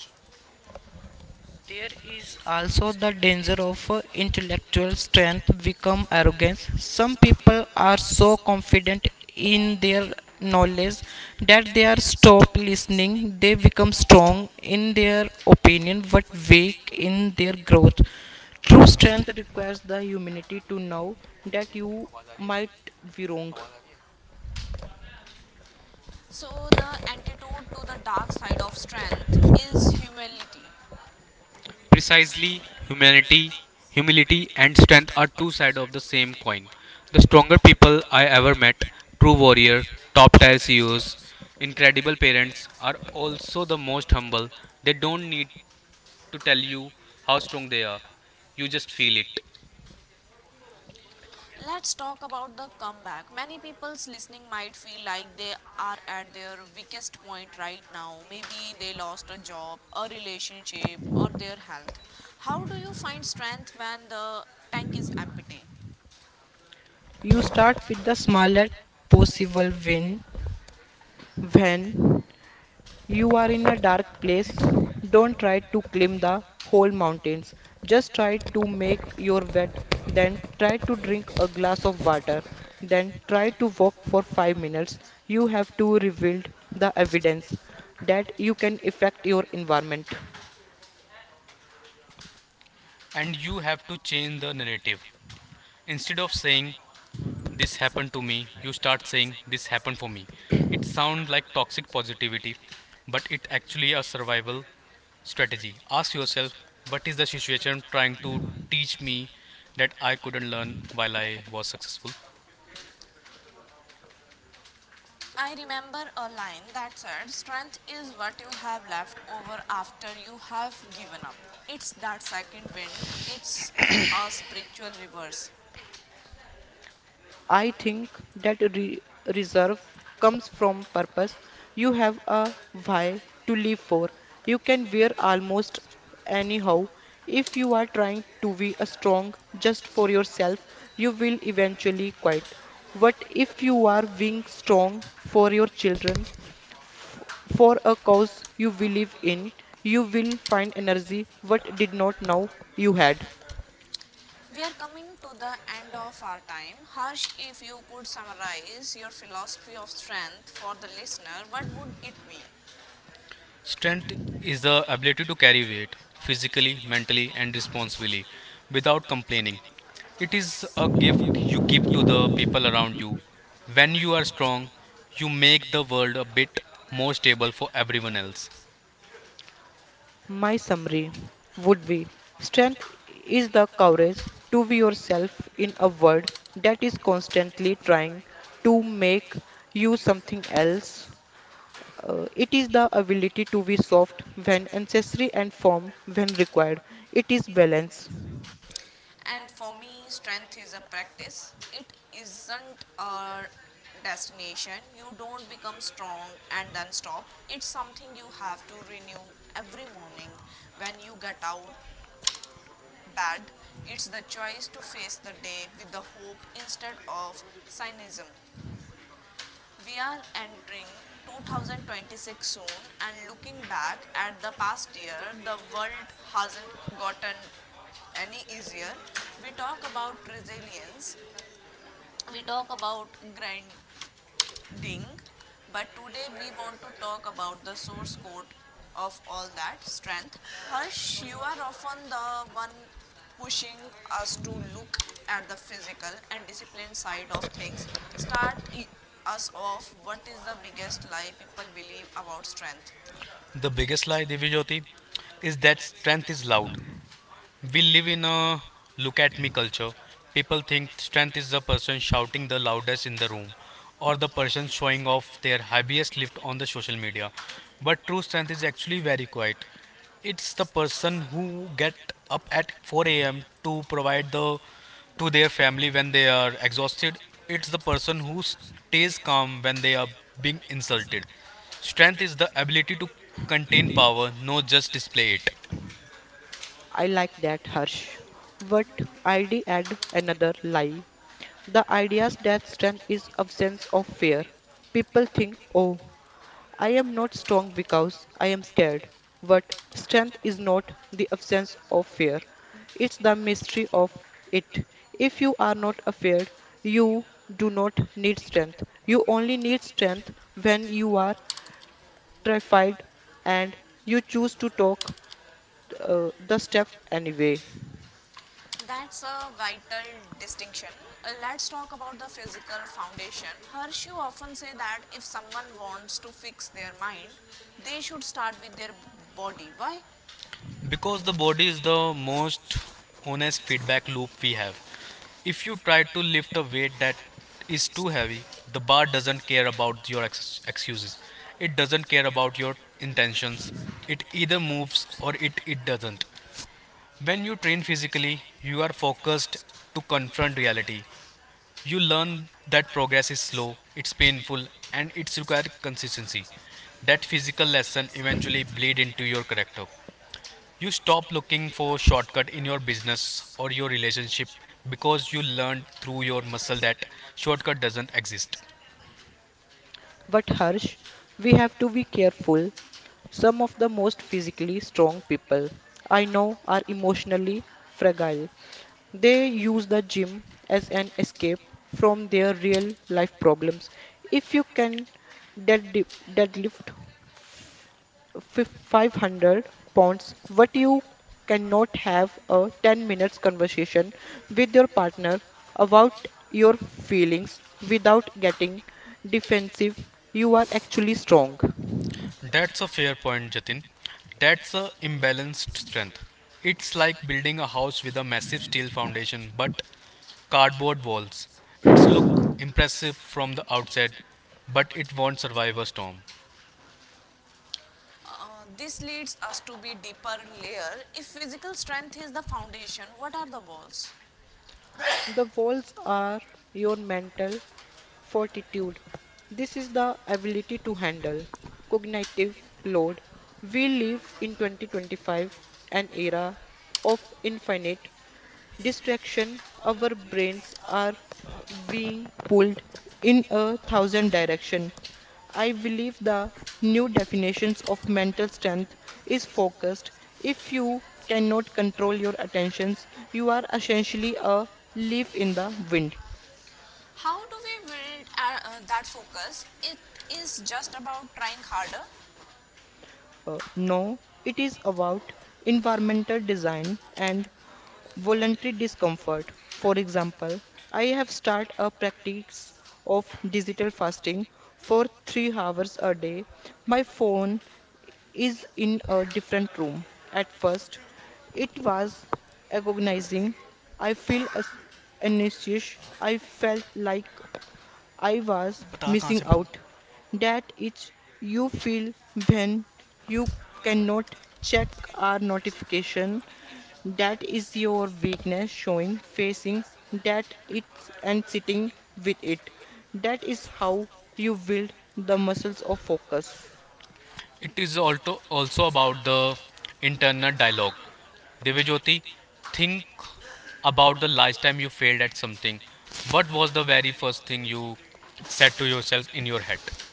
[SPEAKER 3] Weak in their growth. True strength requires the humility to know that you might be wrong.
[SPEAKER 1] So, the antidote to the dark side of strength is humility.
[SPEAKER 2] Precisely, humanity, humility, and strength are two sides of the same coin. The stronger people I ever met, true warrior, top tier CEOs, incredible
[SPEAKER 1] Incredible parents
[SPEAKER 2] parents, are also the most humble. They don't need to tell
[SPEAKER 1] tell you
[SPEAKER 2] you
[SPEAKER 1] how
[SPEAKER 2] how
[SPEAKER 1] strong
[SPEAKER 2] strong they
[SPEAKER 1] they
[SPEAKER 2] are.
[SPEAKER 1] are.
[SPEAKER 2] You
[SPEAKER 1] You
[SPEAKER 2] just
[SPEAKER 1] just
[SPEAKER 2] feel
[SPEAKER 1] feel it.
[SPEAKER 2] it.
[SPEAKER 1] Let's talk about the comeback. Many people's listening might feel like they are at their weakest point right now. Maybe they lost a job, a relationship, or their health. How do you find strength when the tank is empty?
[SPEAKER 3] You start with the smallest possible win. When you are in a dark place, don't try to climb the whole mountains. Just try to make your bed, then try to drink a glass of water, then try to walk for 5 minutes. You have to rebuild the evidence that you can affect your environment.
[SPEAKER 2] And you have to change the narrative. Instead of saying this happened to me, you start saying this happened for me. It sounds like toxic positivity, but it actually a
[SPEAKER 1] A
[SPEAKER 2] survival
[SPEAKER 1] survival
[SPEAKER 2] strategy.
[SPEAKER 1] strategy.
[SPEAKER 2] Ask yourself
[SPEAKER 1] Yourself.
[SPEAKER 2] what is the situation trying to teach me that I couldn't learn while I was successful.
[SPEAKER 1] I remember a line that said, strength is what you have left over after you have given up. It's that second wind, it's a spiritual reverse.
[SPEAKER 3] I think that reserve comes from purpose. You have a why to live for. You can wear almost anyhow. If you are trying to be a strong just for yourself, you will eventually quit. But if you are being strong for your children, for a cause you believe in, you will find energy what did not know you had.
[SPEAKER 1] We are coming to the end of our time. Harsh, if you could summarize your philosophy of strength for the listener, what would it be?
[SPEAKER 2] Strength
[SPEAKER 1] Strength
[SPEAKER 2] is the
[SPEAKER 1] is the
[SPEAKER 2] ability to
[SPEAKER 1] ability to
[SPEAKER 2] carry
[SPEAKER 1] carry
[SPEAKER 2] weight
[SPEAKER 1] weight
[SPEAKER 2] physically,
[SPEAKER 1] physically,
[SPEAKER 2] mentally,
[SPEAKER 1] mentally,
[SPEAKER 2] and
[SPEAKER 1] and
[SPEAKER 2] responsibly,
[SPEAKER 1] responsibly.
[SPEAKER 2] without complaining.
[SPEAKER 1] Training
[SPEAKER 2] It is a
[SPEAKER 1] give
[SPEAKER 2] gift you
[SPEAKER 1] people
[SPEAKER 2] give to the people around
[SPEAKER 1] around
[SPEAKER 2] you.
[SPEAKER 1] you.
[SPEAKER 2] When
[SPEAKER 1] When
[SPEAKER 2] you
[SPEAKER 1] you
[SPEAKER 2] are
[SPEAKER 1] are
[SPEAKER 2] strong,
[SPEAKER 1] strong,
[SPEAKER 2] you
[SPEAKER 1] make
[SPEAKER 2] make the
[SPEAKER 1] the
[SPEAKER 2] world a
[SPEAKER 1] world a
[SPEAKER 2] bit
[SPEAKER 1] bit.
[SPEAKER 2] more stable for everyone else.
[SPEAKER 3] My summary would be strength is the courage to be yourself in a world that is constantly trying to make you something else. It is the ability to be soft when necessary and firm when required. It is balance.
[SPEAKER 1] And for me, strength is a practice. It isn't a destination. You don't become strong and then stop. It's something you have to renew every morning when you get out bed. It's the choice to face the day with the hope instead of cynicism. We are entering 2026 soon, and looking back at the past year, the world hasn't gotten any easier. We talk about resilience, we talk about grind, ding but today we want to talk about the source code of all that strength harsh you are often the one pushing us to look at the physical and discipline side of things start us off what is the biggest lie people believe about strength
[SPEAKER 2] The biggest
[SPEAKER 1] biggest
[SPEAKER 2] lie,
[SPEAKER 1] lie
[SPEAKER 2] Divyajyoti,
[SPEAKER 1] Jyoti
[SPEAKER 2] is
[SPEAKER 1] is
[SPEAKER 2] that
[SPEAKER 1] that
[SPEAKER 2] strength
[SPEAKER 1] strength
[SPEAKER 2] is
[SPEAKER 1] is
[SPEAKER 2] loud.
[SPEAKER 1] loud.
[SPEAKER 2] We
[SPEAKER 1] We
[SPEAKER 2] live
[SPEAKER 1] live
[SPEAKER 2] in
[SPEAKER 1] in a
[SPEAKER 2] a look
[SPEAKER 1] look
[SPEAKER 2] at me
[SPEAKER 1] at me
[SPEAKER 2] culture.
[SPEAKER 1] culture.
[SPEAKER 2] People
[SPEAKER 1] People
[SPEAKER 2] think
[SPEAKER 1] think
[SPEAKER 2] strength is
[SPEAKER 1] strength
[SPEAKER 2] the
[SPEAKER 1] is the
[SPEAKER 2] person
[SPEAKER 1] person
[SPEAKER 2] shouting the
[SPEAKER 1] shouting the
[SPEAKER 2] loudest in the
[SPEAKER 1] loudest in the
[SPEAKER 2] room
[SPEAKER 1] room
[SPEAKER 2] or
[SPEAKER 1] or
[SPEAKER 2] the
[SPEAKER 1] the
[SPEAKER 2] person
[SPEAKER 1] person
[SPEAKER 2] showing
[SPEAKER 1] showing
[SPEAKER 2] off
[SPEAKER 1] off
[SPEAKER 2] their
[SPEAKER 1] their
[SPEAKER 2] heaviest
[SPEAKER 1] IBS
[SPEAKER 2] lift
[SPEAKER 1] clip
[SPEAKER 2] on the
[SPEAKER 1] on the
[SPEAKER 2] social
[SPEAKER 1] social
[SPEAKER 2] media.
[SPEAKER 1] media. But
[SPEAKER 2] But true
[SPEAKER 1] true
[SPEAKER 2] strength is
[SPEAKER 1] strength is
[SPEAKER 2] actually
[SPEAKER 1] actually
[SPEAKER 2] very
[SPEAKER 1] very
[SPEAKER 2] quiet.
[SPEAKER 1] quiet.
[SPEAKER 2] It's the
[SPEAKER 1] It's the
[SPEAKER 2] person
[SPEAKER 1] person
[SPEAKER 2] who
[SPEAKER 1] who
[SPEAKER 2] get
[SPEAKER 1] get
[SPEAKER 2] up
[SPEAKER 1] up
[SPEAKER 2] at
[SPEAKER 1] at
[SPEAKER 2] 4
[SPEAKER 1] 4
[SPEAKER 2] a.m.
[SPEAKER 1] a.m. to
[SPEAKER 2] to provide
[SPEAKER 1] provide
[SPEAKER 2] the
[SPEAKER 1] the
[SPEAKER 2] to
[SPEAKER 1] to
[SPEAKER 2] their
[SPEAKER 1] their
[SPEAKER 2] family
[SPEAKER 1] family
[SPEAKER 2] when
[SPEAKER 1] when
[SPEAKER 2] they
[SPEAKER 1] they
[SPEAKER 2] are
[SPEAKER 1] are
[SPEAKER 2] exhausted.
[SPEAKER 1] exhausted.
[SPEAKER 2] It's the
[SPEAKER 1] It's the
[SPEAKER 2] person
[SPEAKER 1] person
[SPEAKER 2] who
[SPEAKER 1] who
[SPEAKER 2] stays
[SPEAKER 1] stays
[SPEAKER 2] calm
[SPEAKER 1] calm
[SPEAKER 2] when they
[SPEAKER 1] when
[SPEAKER 2] are
[SPEAKER 1] they are
[SPEAKER 2] being
[SPEAKER 1] being
[SPEAKER 2] insulted.
[SPEAKER 1] insulted.
[SPEAKER 2] Strength is
[SPEAKER 1] Strength
[SPEAKER 2] the
[SPEAKER 1] is the
[SPEAKER 2] ability to
[SPEAKER 1] ability to
[SPEAKER 2] contain
[SPEAKER 1] contain
[SPEAKER 2] power,
[SPEAKER 1] power,
[SPEAKER 2] not
[SPEAKER 1] not
[SPEAKER 2] just
[SPEAKER 1] just
[SPEAKER 2] display
[SPEAKER 1] display
[SPEAKER 2] it.
[SPEAKER 1] it.
[SPEAKER 3] I like that, Harsh. But I'd add another lie. The ideas that strength is absence of fear. People think, oh, I am not strong because I am scared. But strength is not the absence of fear, it's the mystery of it. If you are not afraid, you do not need strength. You only need strength when you are terrified and you choose to talk the step anyway.
[SPEAKER 1] That's a vital distinction. Let's talk about the physical foundation. Harsh, you often say that if someone wants to fix their mind, they should start with their body. Why?
[SPEAKER 2] Because the body is the most honest feedback loop we have. If you try to lift a weight that is too heavy, the bar doesn't care about your excuses. It doesn't care about your intentions. It either moves or it doesn't. When you train physically, you are focused to confront reality. You learn that progress is slow, it's painful, and it's required consistency. That
[SPEAKER 1] That
[SPEAKER 2] physical
[SPEAKER 1] physical
[SPEAKER 2] lesson
[SPEAKER 1] lesson
[SPEAKER 2] eventually
[SPEAKER 1] eventually
[SPEAKER 2] bleed
[SPEAKER 1] bleed
[SPEAKER 2] into
[SPEAKER 1] into
[SPEAKER 2] your
[SPEAKER 1] your
[SPEAKER 2] character.
[SPEAKER 1] connect
[SPEAKER 2] You stop looking for shortcut in your business
[SPEAKER 1] business,
[SPEAKER 2] or your
[SPEAKER 1] your
[SPEAKER 2] relationship,
[SPEAKER 1] relationship,
[SPEAKER 2] because you
[SPEAKER 1] because you
[SPEAKER 2] learned
[SPEAKER 1] learn
[SPEAKER 2] through
[SPEAKER 1] to
[SPEAKER 2] your
[SPEAKER 1] your
[SPEAKER 2] muscle
[SPEAKER 1] muscle
[SPEAKER 2] that
[SPEAKER 1] that
[SPEAKER 2] shortcut doesn't exist.
[SPEAKER 1] exist.
[SPEAKER 3] But Harsh, we have to be careful. Some of the most physically strong people I know are emotionally fragile. They use the gym as an escape from their real life problems. If you can dead deadlift 500 pounds what you cannot have a 10 minutes conversation with your partner about your feelings without getting defensive you are actually strong.
[SPEAKER 2] That's a
[SPEAKER 1] That's a
[SPEAKER 2] fair
[SPEAKER 1] fair
[SPEAKER 2] point,
[SPEAKER 1] point.
[SPEAKER 2] Jatin.
[SPEAKER 1] Nitin.
[SPEAKER 2] That's
[SPEAKER 1] That's
[SPEAKER 2] a
[SPEAKER 1] a
[SPEAKER 2] imbalanced
[SPEAKER 1] balanced
[SPEAKER 2] strength.
[SPEAKER 1] strength.
[SPEAKER 2] It's
[SPEAKER 1] It's
[SPEAKER 2] like
[SPEAKER 1] like
[SPEAKER 2] building a house with a massive steel
[SPEAKER 1] steel
[SPEAKER 2] foundation
[SPEAKER 1] foundation, but
[SPEAKER 2] but cardboard
[SPEAKER 1] cardboard
[SPEAKER 2] walls.
[SPEAKER 1] walls.
[SPEAKER 2] It's
[SPEAKER 1] So,
[SPEAKER 2] look impressive
[SPEAKER 1] as if
[SPEAKER 2] from the outside,
[SPEAKER 1] that
[SPEAKER 2] but it
[SPEAKER 1] won't
[SPEAKER 2] won't survive a
[SPEAKER 1] survive a
[SPEAKER 2] storm.
[SPEAKER 1] storm. This leads us to be deeper layer. If physical strength is the foundation, what are the walls?
[SPEAKER 3] The walls are your mental fortitude. This is the ability to handle cognitive load. We live in 2025, an era of infinite distraction. Our brains are being pulled in a thousand directions. I believe the new definitions of mental strength is focused. If you cannot control your attentions, you are essentially a leaf in the wind.
[SPEAKER 1] How do we build that focus? It is just about trying harder.
[SPEAKER 3] No, it is about environmental design and voluntary discomfort. For example, I have started a practice of digital fasting for 3 hours a day. My phone is in a different room. At first, it was agonizing. I feel as- Anxious. I felt like I was missing out. That itch you feel when you cannot check our notification. That is your weakness showing, facing that it's and sitting with it. That is how you build the muscles of focus.
[SPEAKER 2] It
[SPEAKER 1] It
[SPEAKER 2] is
[SPEAKER 1] is
[SPEAKER 2] also
[SPEAKER 1] also
[SPEAKER 2] also
[SPEAKER 1] also
[SPEAKER 2] about
[SPEAKER 1] about
[SPEAKER 2] the
[SPEAKER 1] the
[SPEAKER 2] internal
[SPEAKER 1] internal
[SPEAKER 2] dialogue.
[SPEAKER 1] dialogue.
[SPEAKER 2] Divyajyoti,
[SPEAKER 1] Devajyoti,
[SPEAKER 2] think
[SPEAKER 1] think about
[SPEAKER 2] about the
[SPEAKER 1] the
[SPEAKER 2] last time
[SPEAKER 1] last
[SPEAKER 2] you
[SPEAKER 1] time you
[SPEAKER 2] failed at
[SPEAKER 1] failed at
[SPEAKER 2] something.
[SPEAKER 1] something.
[SPEAKER 2] What
[SPEAKER 1] What
[SPEAKER 2] was the
[SPEAKER 1] was the
[SPEAKER 2] very
[SPEAKER 1] very
[SPEAKER 2] first thing
[SPEAKER 1] first thing
[SPEAKER 2] you
[SPEAKER 1] you
[SPEAKER 2] said to
[SPEAKER 1] said to
[SPEAKER 2] yourself in your head?
[SPEAKER 1] yourself?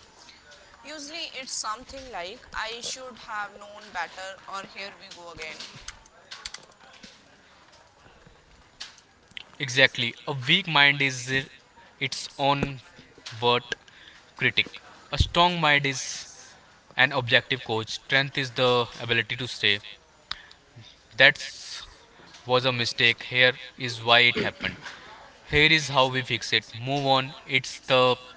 [SPEAKER 1] Usually, it's something like, I should have known better, or here we go again.
[SPEAKER 2] Exactly. A
[SPEAKER 1] Exactly.
[SPEAKER 2] weak mind
[SPEAKER 1] Mind
[SPEAKER 2] is
[SPEAKER 1] is
[SPEAKER 2] its
[SPEAKER 1] its own
[SPEAKER 2] own worst
[SPEAKER 1] word
[SPEAKER 2] critic.
[SPEAKER 1] critic.
[SPEAKER 2] A strong mind
[SPEAKER 1] Mind
[SPEAKER 2] is
[SPEAKER 1] is
[SPEAKER 2] an objective coach.
[SPEAKER 1] coach.
[SPEAKER 2] Strength is
[SPEAKER 1] Strength is
[SPEAKER 2] the
[SPEAKER 1] the
[SPEAKER 2] ability to
[SPEAKER 1] ability to
[SPEAKER 2] say,
[SPEAKER 1] save.
[SPEAKER 2] that
[SPEAKER 1] That's
[SPEAKER 2] was a mistake.
[SPEAKER 1] mistake
[SPEAKER 2] Here
[SPEAKER 1] here.
[SPEAKER 2] is
[SPEAKER 1] Is
[SPEAKER 2] why it
[SPEAKER 1] Why it
[SPEAKER 2] happened.
[SPEAKER 1] happened?
[SPEAKER 2] Here is
[SPEAKER 1] Here
[SPEAKER 2] how
[SPEAKER 1] is
[SPEAKER 2] we fix it.
[SPEAKER 1] it.
[SPEAKER 2] Move
[SPEAKER 1] Move
[SPEAKER 2] on.
[SPEAKER 1] on.
[SPEAKER 2] It's
[SPEAKER 1] It's the
[SPEAKER 2] the
[SPEAKER 1] goal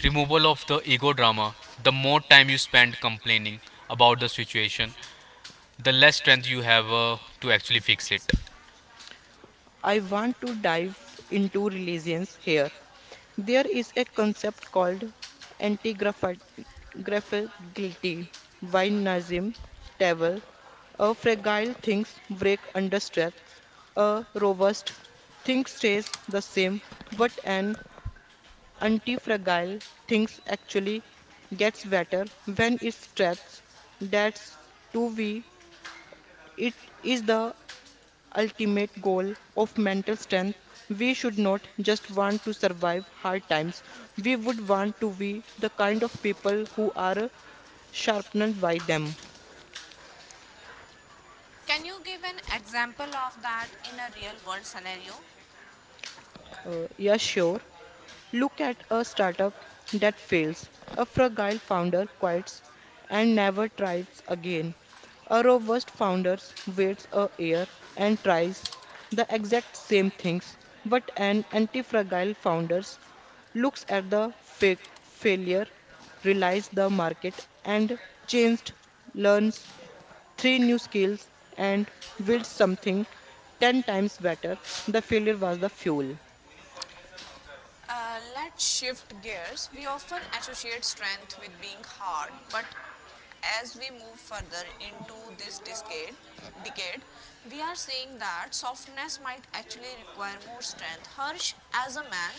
[SPEAKER 2] removal of the ego
[SPEAKER 1] of no
[SPEAKER 2] drama.
[SPEAKER 1] drama.
[SPEAKER 2] The
[SPEAKER 1] The
[SPEAKER 2] more
[SPEAKER 1] more
[SPEAKER 2] time you
[SPEAKER 1] time you
[SPEAKER 2] spend
[SPEAKER 1] spend
[SPEAKER 2] complaining
[SPEAKER 1] complaining
[SPEAKER 2] about the
[SPEAKER 1] about the
[SPEAKER 2] situation,
[SPEAKER 1] situation,
[SPEAKER 2] the
[SPEAKER 1] the
[SPEAKER 2] less
[SPEAKER 1] less
[SPEAKER 2] strength you
[SPEAKER 1] strength you
[SPEAKER 2] have
[SPEAKER 1] have.
[SPEAKER 2] to actually fix it.
[SPEAKER 1] It.
[SPEAKER 3] I want to dive into religions here. There is a concept called antigraphicality by Nazim Tawil. A fragile things break under stress. A robust thing stays the same, but an anti-fragile things actually gets better when it's stressed. That's to be it is the ultimate goal of mental strength. We should not just want to survive hard times, we would want to be the kind of people who are sharpened by them.
[SPEAKER 1] Can you give an example of that in a real world scenario?
[SPEAKER 3] Yeah, sure. Look at a startup that fails. A fragile founder quits and never tries again. A robust founder waits a year and tries the exact same things. But an anti-fragile founder looks at the failure, realizes the market and changed, learns three new skills and builds something 10 times better. The failure was the fuel.
[SPEAKER 1] Let's shift gears. We often associate strength with being hard, but as we move further into this decade, we are seeing that softness might actually require more strength. Harsh, as a man,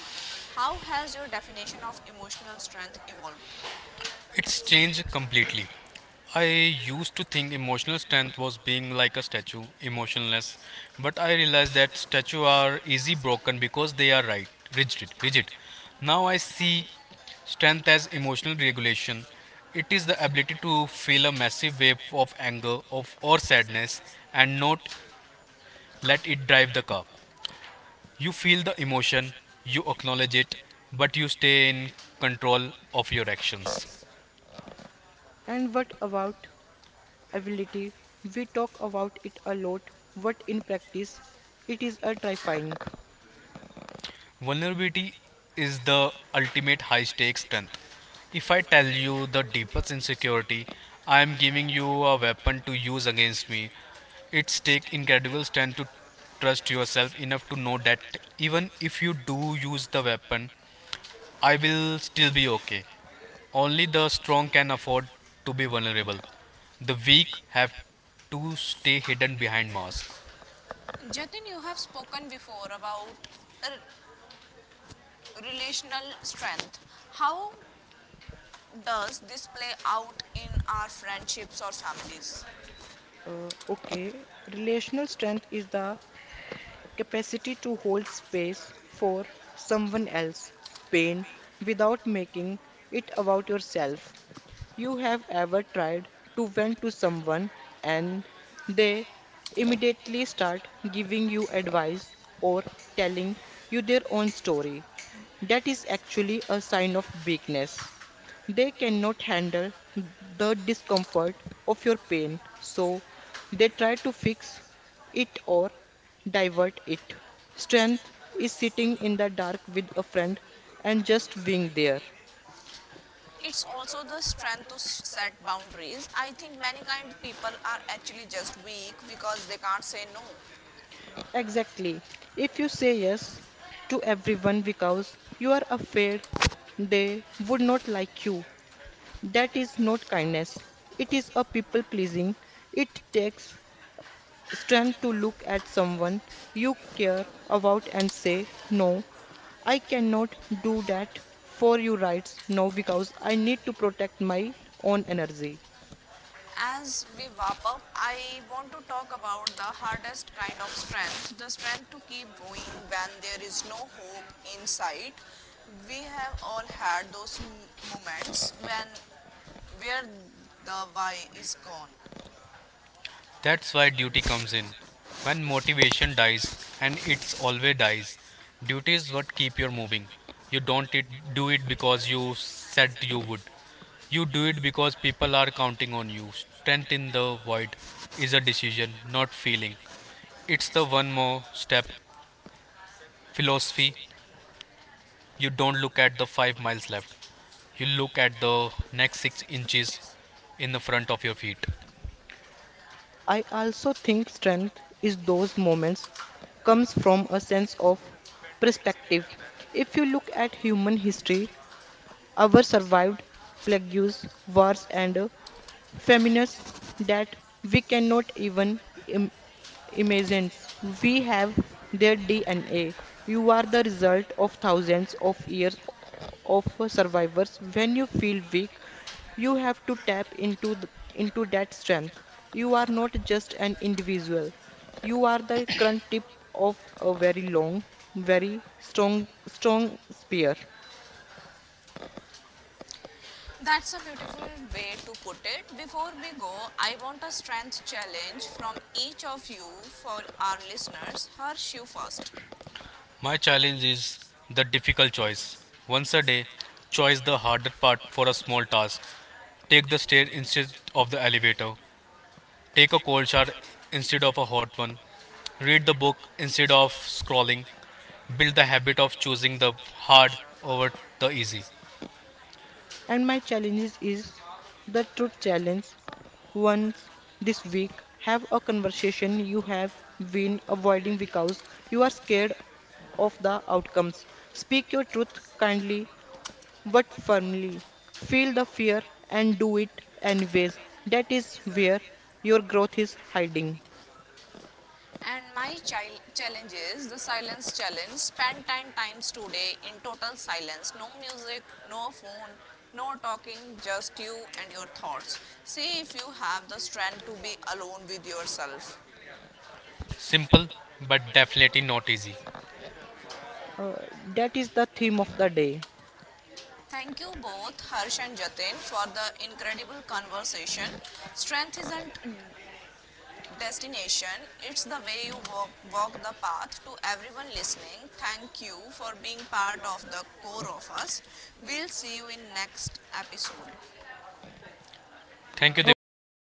[SPEAKER 1] how has your definition of emotional strength evolved?
[SPEAKER 2] It's changed
[SPEAKER 1] Changed
[SPEAKER 2] completely.
[SPEAKER 1] completely.
[SPEAKER 2] I
[SPEAKER 1] I
[SPEAKER 2] used
[SPEAKER 1] used
[SPEAKER 2] to think
[SPEAKER 1] to
[SPEAKER 2] emotional strength
[SPEAKER 1] stand
[SPEAKER 2] was being like a
[SPEAKER 1] like a
[SPEAKER 2] statue,
[SPEAKER 1] statue,
[SPEAKER 2] emotionless,
[SPEAKER 1] motionless.
[SPEAKER 2] but
[SPEAKER 1] I
[SPEAKER 2] I realized
[SPEAKER 1] realized
[SPEAKER 2] that
[SPEAKER 1] that
[SPEAKER 2] statues
[SPEAKER 1] statues
[SPEAKER 2] are
[SPEAKER 1] are,
[SPEAKER 2] easy broken because they are
[SPEAKER 1] they are
[SPEAKER 2] right,
[SPEAKER 1] right, rigid,
[SPEAKER 2] rigid.
[SPEAKER 1] digit. Now
[SPEAKER 2] Now I
[SPEAKER 1] I
[SPEAKER 2] see
[SPEAKER 1] see
[SPEAKER 2] strength as
[SPEAKER 1] strength as
[SPEAKER 2] emotional
[SPEAKER 1] emotional
[SPEAKER 2] regulation.
[SPEAKER 1] regulation.
[SPEAKER 2] It
[SPEAKER 1] It
[SPEAKER 2] is
[SPEAKER 1] is
[SPEAKER 2] the
[SPEAKER 1] the
[SPEAKER 2] ability
[SPEAKER 1] ability
[SPEAKER 2] to
[SPEAKER 1] to
[SPEAKER 2] feel a
[SPEAKER 1] feel a
[SPEAKER 2] massive
[SPEAKER 1] massive
[SPEAKER 2] wave
[SPEAKER 1] wave
[SPEAKER 2] of
[SPEAKER 1] of
[SPEAKER 2] anger
[SPEAKER 1] anger
[SPEAKER 2] of
[SPEAKER 1] or
[SPEAKER 2] or sadness
[SPEAKER 1] sadness and
[SPEAKER 2] and not
[SPEAKER 1] not
[SPEAKER 2] let
[SPEAKER 1] let
[SPEAKER 2] it
[SPEAKER 1] it
[SPEAKER 2] drive the
[SPEAKER 1] drive the
[SPEAKER 2] car.
[SPEAKER 1] car.
[SPEAKER 2] You
[SPEAKER 1] You
[SPEAKER 2] feel
[SPEAKER 1] feel
[SPEAKER 2] the
[SPEAKER 1] the
[SPEAKER 2] emotion,
[SPEAKER 1] emotion, you
[SPEAKER 2] you acknowledge
[SPEAKER 1] acknowledge
[SPEAKER 2] it,
[SPEAKER 1] it,
[SPEAKER 2] but
[SPEAKER 1] but
[SPEAKER 2] you
[SPEAKER 1] you
[SPEAKER 2] stay
[SPEAKER 1] stay
[SPEAKER 2] in
[SPEAKER 1] in
[SPEAKER 2] control
[SPEAKER 1] control
[SPEAKER 2] of
[SPEAKER 1] of
[SPEAKER 2] your
[SPEAKER 1] your
[SPEAKER 2] actions.
[SPEAKER 1] actions.
[SPEAKER 3] And what about ability. We talk about it a lot, but in practice, it is a terrifying.
[SPEAKER 2] Vulnerability
[SPEAKER 1] Vulnerability
[SPEAKER 2] is
[SPEAKER 1] is the
[SPEAKER 2] the ultimate
[SPEAKER 1] ultimate
[SPEAKER 2] high
[SPEAKER 1] high
[SPEAKER 2] stakes
[SPEAKER 1] stakes
[SPEAKER 2] strength.
[SPEAKER 1] strength. For
[SPEAKER 2] If I tell you the deepest
[SPEAKER 1] me,
[SPEAKER 2] insecurity, I am giving you a weapon to use against
[SPEAKER 1] this
[SPEAKER 2] me.
[SPEAKER 1] means
[SPEAKER 2] It's take incredible
[SPEAKER 1] you
[SPEAKER 2] strength
[SPEAKER 1] have
[SPEAKER 2] to
[SPEAKER 1] to
[SPEAKER 2] trust
[SPEAKER 1] trust
[SPEAKER 2] yourself
[SPEAKER 1] yourself.
[SPEAKER 2] enough to know that even if you do use the
[SPEAKER 1] Even
[SPEAKER 2] weapon, I
[SPEAKER 1] I will
[SPEAKER 2] will still
[SPEAKER 1] still
[SPEAKER 2] be
[SPEAKER 1] be
[SPEAKER 2] okay.
[SPEAKER 1] okay. All
[SPEAKER 2] Only the
[SPEAKER 1] the strong
[SPEAKER 2] strong can afford to be vulnerable. The
[SPEAKER 1] people
[SPEAKER 2] weak have to stay hidden behind masks.
[SPEAKER 1] Jatin, you have spoken before about r- relational strength. How does this play out in our friendships or families?
[SPEAKER 3] Okay, relational strength is the capacity to hold space for someone else pain without making it about yourself. You have ever tried to vent to someone and they immediately start giving you advice or telling you their own story. That is actually a sign of weakness. They cannot handle the discomfort of your pain, so they try to fix it or divert it. Strength is sitting in the dark with a friend and just being there.
[SPEAKER 1] It's also the strength to set boundaries. I think many kind people are actually just weak because they can't say no.
[SPEAKER 3] Exactly. If you say yes to everyone because you are afraid they would not like you, that is not kindness. It is a people pleasing. It takes strength to look at someone you care about and say, "No, I cannot do that for your rights now because I need to protect my own energy."
[SPEAKER 1] As we wrap up, I want to talk about the hardest kind of strength the strength to keep going when there is no hope in sight. We have all had those moments when where the why is gone.
[SPEAKER 2] That's why
[SPEAKER 1] That's where
[SPEAKER 2] duty comes
[SPEAKER 1] duty
[SPEAKER 2] in.
[SPEAKER 1] comes in.
[SPEAKER 2] When
[SPEAKER 1] When
[SPEAKER 2] motivation
[SPEAKER 1] motivation
[SPEAKER 2] dies,
[SPEAKER 1] dies,
[SPEAKER 2] and it's
[SPEAKER 1] it
[SPEAKER 2] always
[SPEAKER 1] always
[SPEAKER 2] dies,
[SPEAKER 1] dies.
[SPEAKER 2] duty is
[SPEAKER 1] Duty is
[SPEAKER 2] what
[SPEAKER 1] what
[SPEAKER 2] keep you
[SPEAKER 1] keep you
[SPEAKER 2] moving.
[SPEAKER 1] moving.
[SPEAKER 2] You don't it, do
[SPEAKER 1] It
[SPEAKER 2] it because
[SPEAKER 1] was
[SPEAKER 2] you
[SPEAKER 1] you
[SPEAKER 2] said
[SPEAKER 1] said
[SPEAKER 2] you would.
[SPEAKER 1] you would.
[SPEAKER 2] You do it because people
[SPEAKER 1] People
[SPEAKER 2] are
[SPEAKER 1] are
[SPEAKER 2] counting on
[SPEAKER 1] counting on
[SPEAKER 2] you.
[SPEAKER 1] you stand
[SPEAKER 2] Strength
[SPEAKER 1] in
[SPEAKER 2] in
[SPEAKER 1] the
[SPEAKER 2] the void is a
[SPEAKER 1] void.
[SPEAKER 2] decision,
[SPEAKER 1] Decision
[SPEAKER 2] not feeling.
[SPEAKER 1] feeling.
[SPEAKER 2] It's the one
[SPEAKER 1] One
[SPEAKER 2] more
[SPEAKER 1] more
[SPEAKER 2] step
[SPEAKER 1] step,
[SPEAKER 2] philosophy.
[SPEAKER 1] philosophy,
[SPEAKER 2] You don't look at
[SPEAKER 1] look
[SPEAKER 2] the
[SPEAKER 1] at the
[SPEAKER 2] five
[SPEAKER 1] five
[SPEAKER 2] miles
[SPEAKER 1] miles
[SPEAKER 2] left.
[SPEAKER 1] left.
[SPEAKER 2] You look at the next
[SPEAKER 1] The
[SPEAKER 2] 6
[SPEAKER 1] next six
[SPEAKER 2] inches
[SPEAKER 1] inches,
[SPEAKER 2] in the front of your feet.
[SPEAKER 3] I also think strength is those moments comes from a sense of perspective. If you look at human history, our survived plagues, wars, and feminists that we cannot even Im- imagine. We have their DNA. You are the result of thousands of years of survivors. When you feel weak, you have to tap into into that strength. You are not just an individual. You are the current tip of a very long, very strong, spear.
[SPEAKER 1] that's a beautiful way to put it. Before we go, I want a strength challenge from each of you for our listeners. Harsh, you first.
[SPEAKER 2] My
[SPEAKER 1] A
[SPEAKER 2] challenge
[SPEAKER 1] challenge
[SPEAKER 2] is
[SPEAKER 1] is
[SPEAKER 2] the difficult
[SPEAKER 1] difficult
[SPEAKER 2] choice.
[SPEAKER 1] choice.
[SPEAKER 2] Once a
[SPEAKER 1] It's
[SPEAKER 2] day,
[SPEAKER 1] a day,
[SPEAKER 2] choose the
[SPEAKER 1] choice
[SPEAKER 2] harder part for a
[SPEAKER 1] for a
[SPEAKER 2] small
[SPEAKER 1] small
[SPEAKER 2] task.
[SPEAKER 1] task.
[SPEAKER 2] Take the
[SPEAKER 1] Take the
[SPEAKER 2] stair instead
[SPEAKER 1] stairs
[SPEAKER 2] of the elevator.
[SPEAKER 1] elevator.
[SPEAKER 2] Take a cold shower
[SPEAKER 1] Watch our
[SPEAKER 2] instead of a hot one. Read the book
[SPEAKER 1] book
[SPEAKER 2] instead of
[SPEAKER 1] instead of
[SPEAKER 2] scrolling.
[SPEAKER 1] scrolling.
[SPEAKER 2] Build the habit of choosing the hard over the easy.
[SPEAKER 3] And my challenges is the truth challenge once this week. Have a conversation you have been avoiding because you are scared of the outcomes. Speak your truth kindly but firmly. Feel the fear and do it anyways. That is where your growth is hiding.
[SPEAKER 1] And my child challenge is the silence challenge. Spend 10 times today in total silence. No music, no phone, no talking, just you and your thoughts. See if you have the strength to be alone with yourself.
[SPEAKER 2] Simple but definitely not easy.
[SPEAKER 3] Uh, that is the theme of the day.
[SPEAKER 1] Thank you both, Harsh and Jatin, for the incredible conversation. Strength isn't destination. It's the way you walk, walk the path. To everyone listening, thank you for being part of the core of us. We'll see you in next episode.
[SPEAKER 2] Thank you,
[SPEAKER 3] Okay,
[SPEAKER 2] Divyajyoti.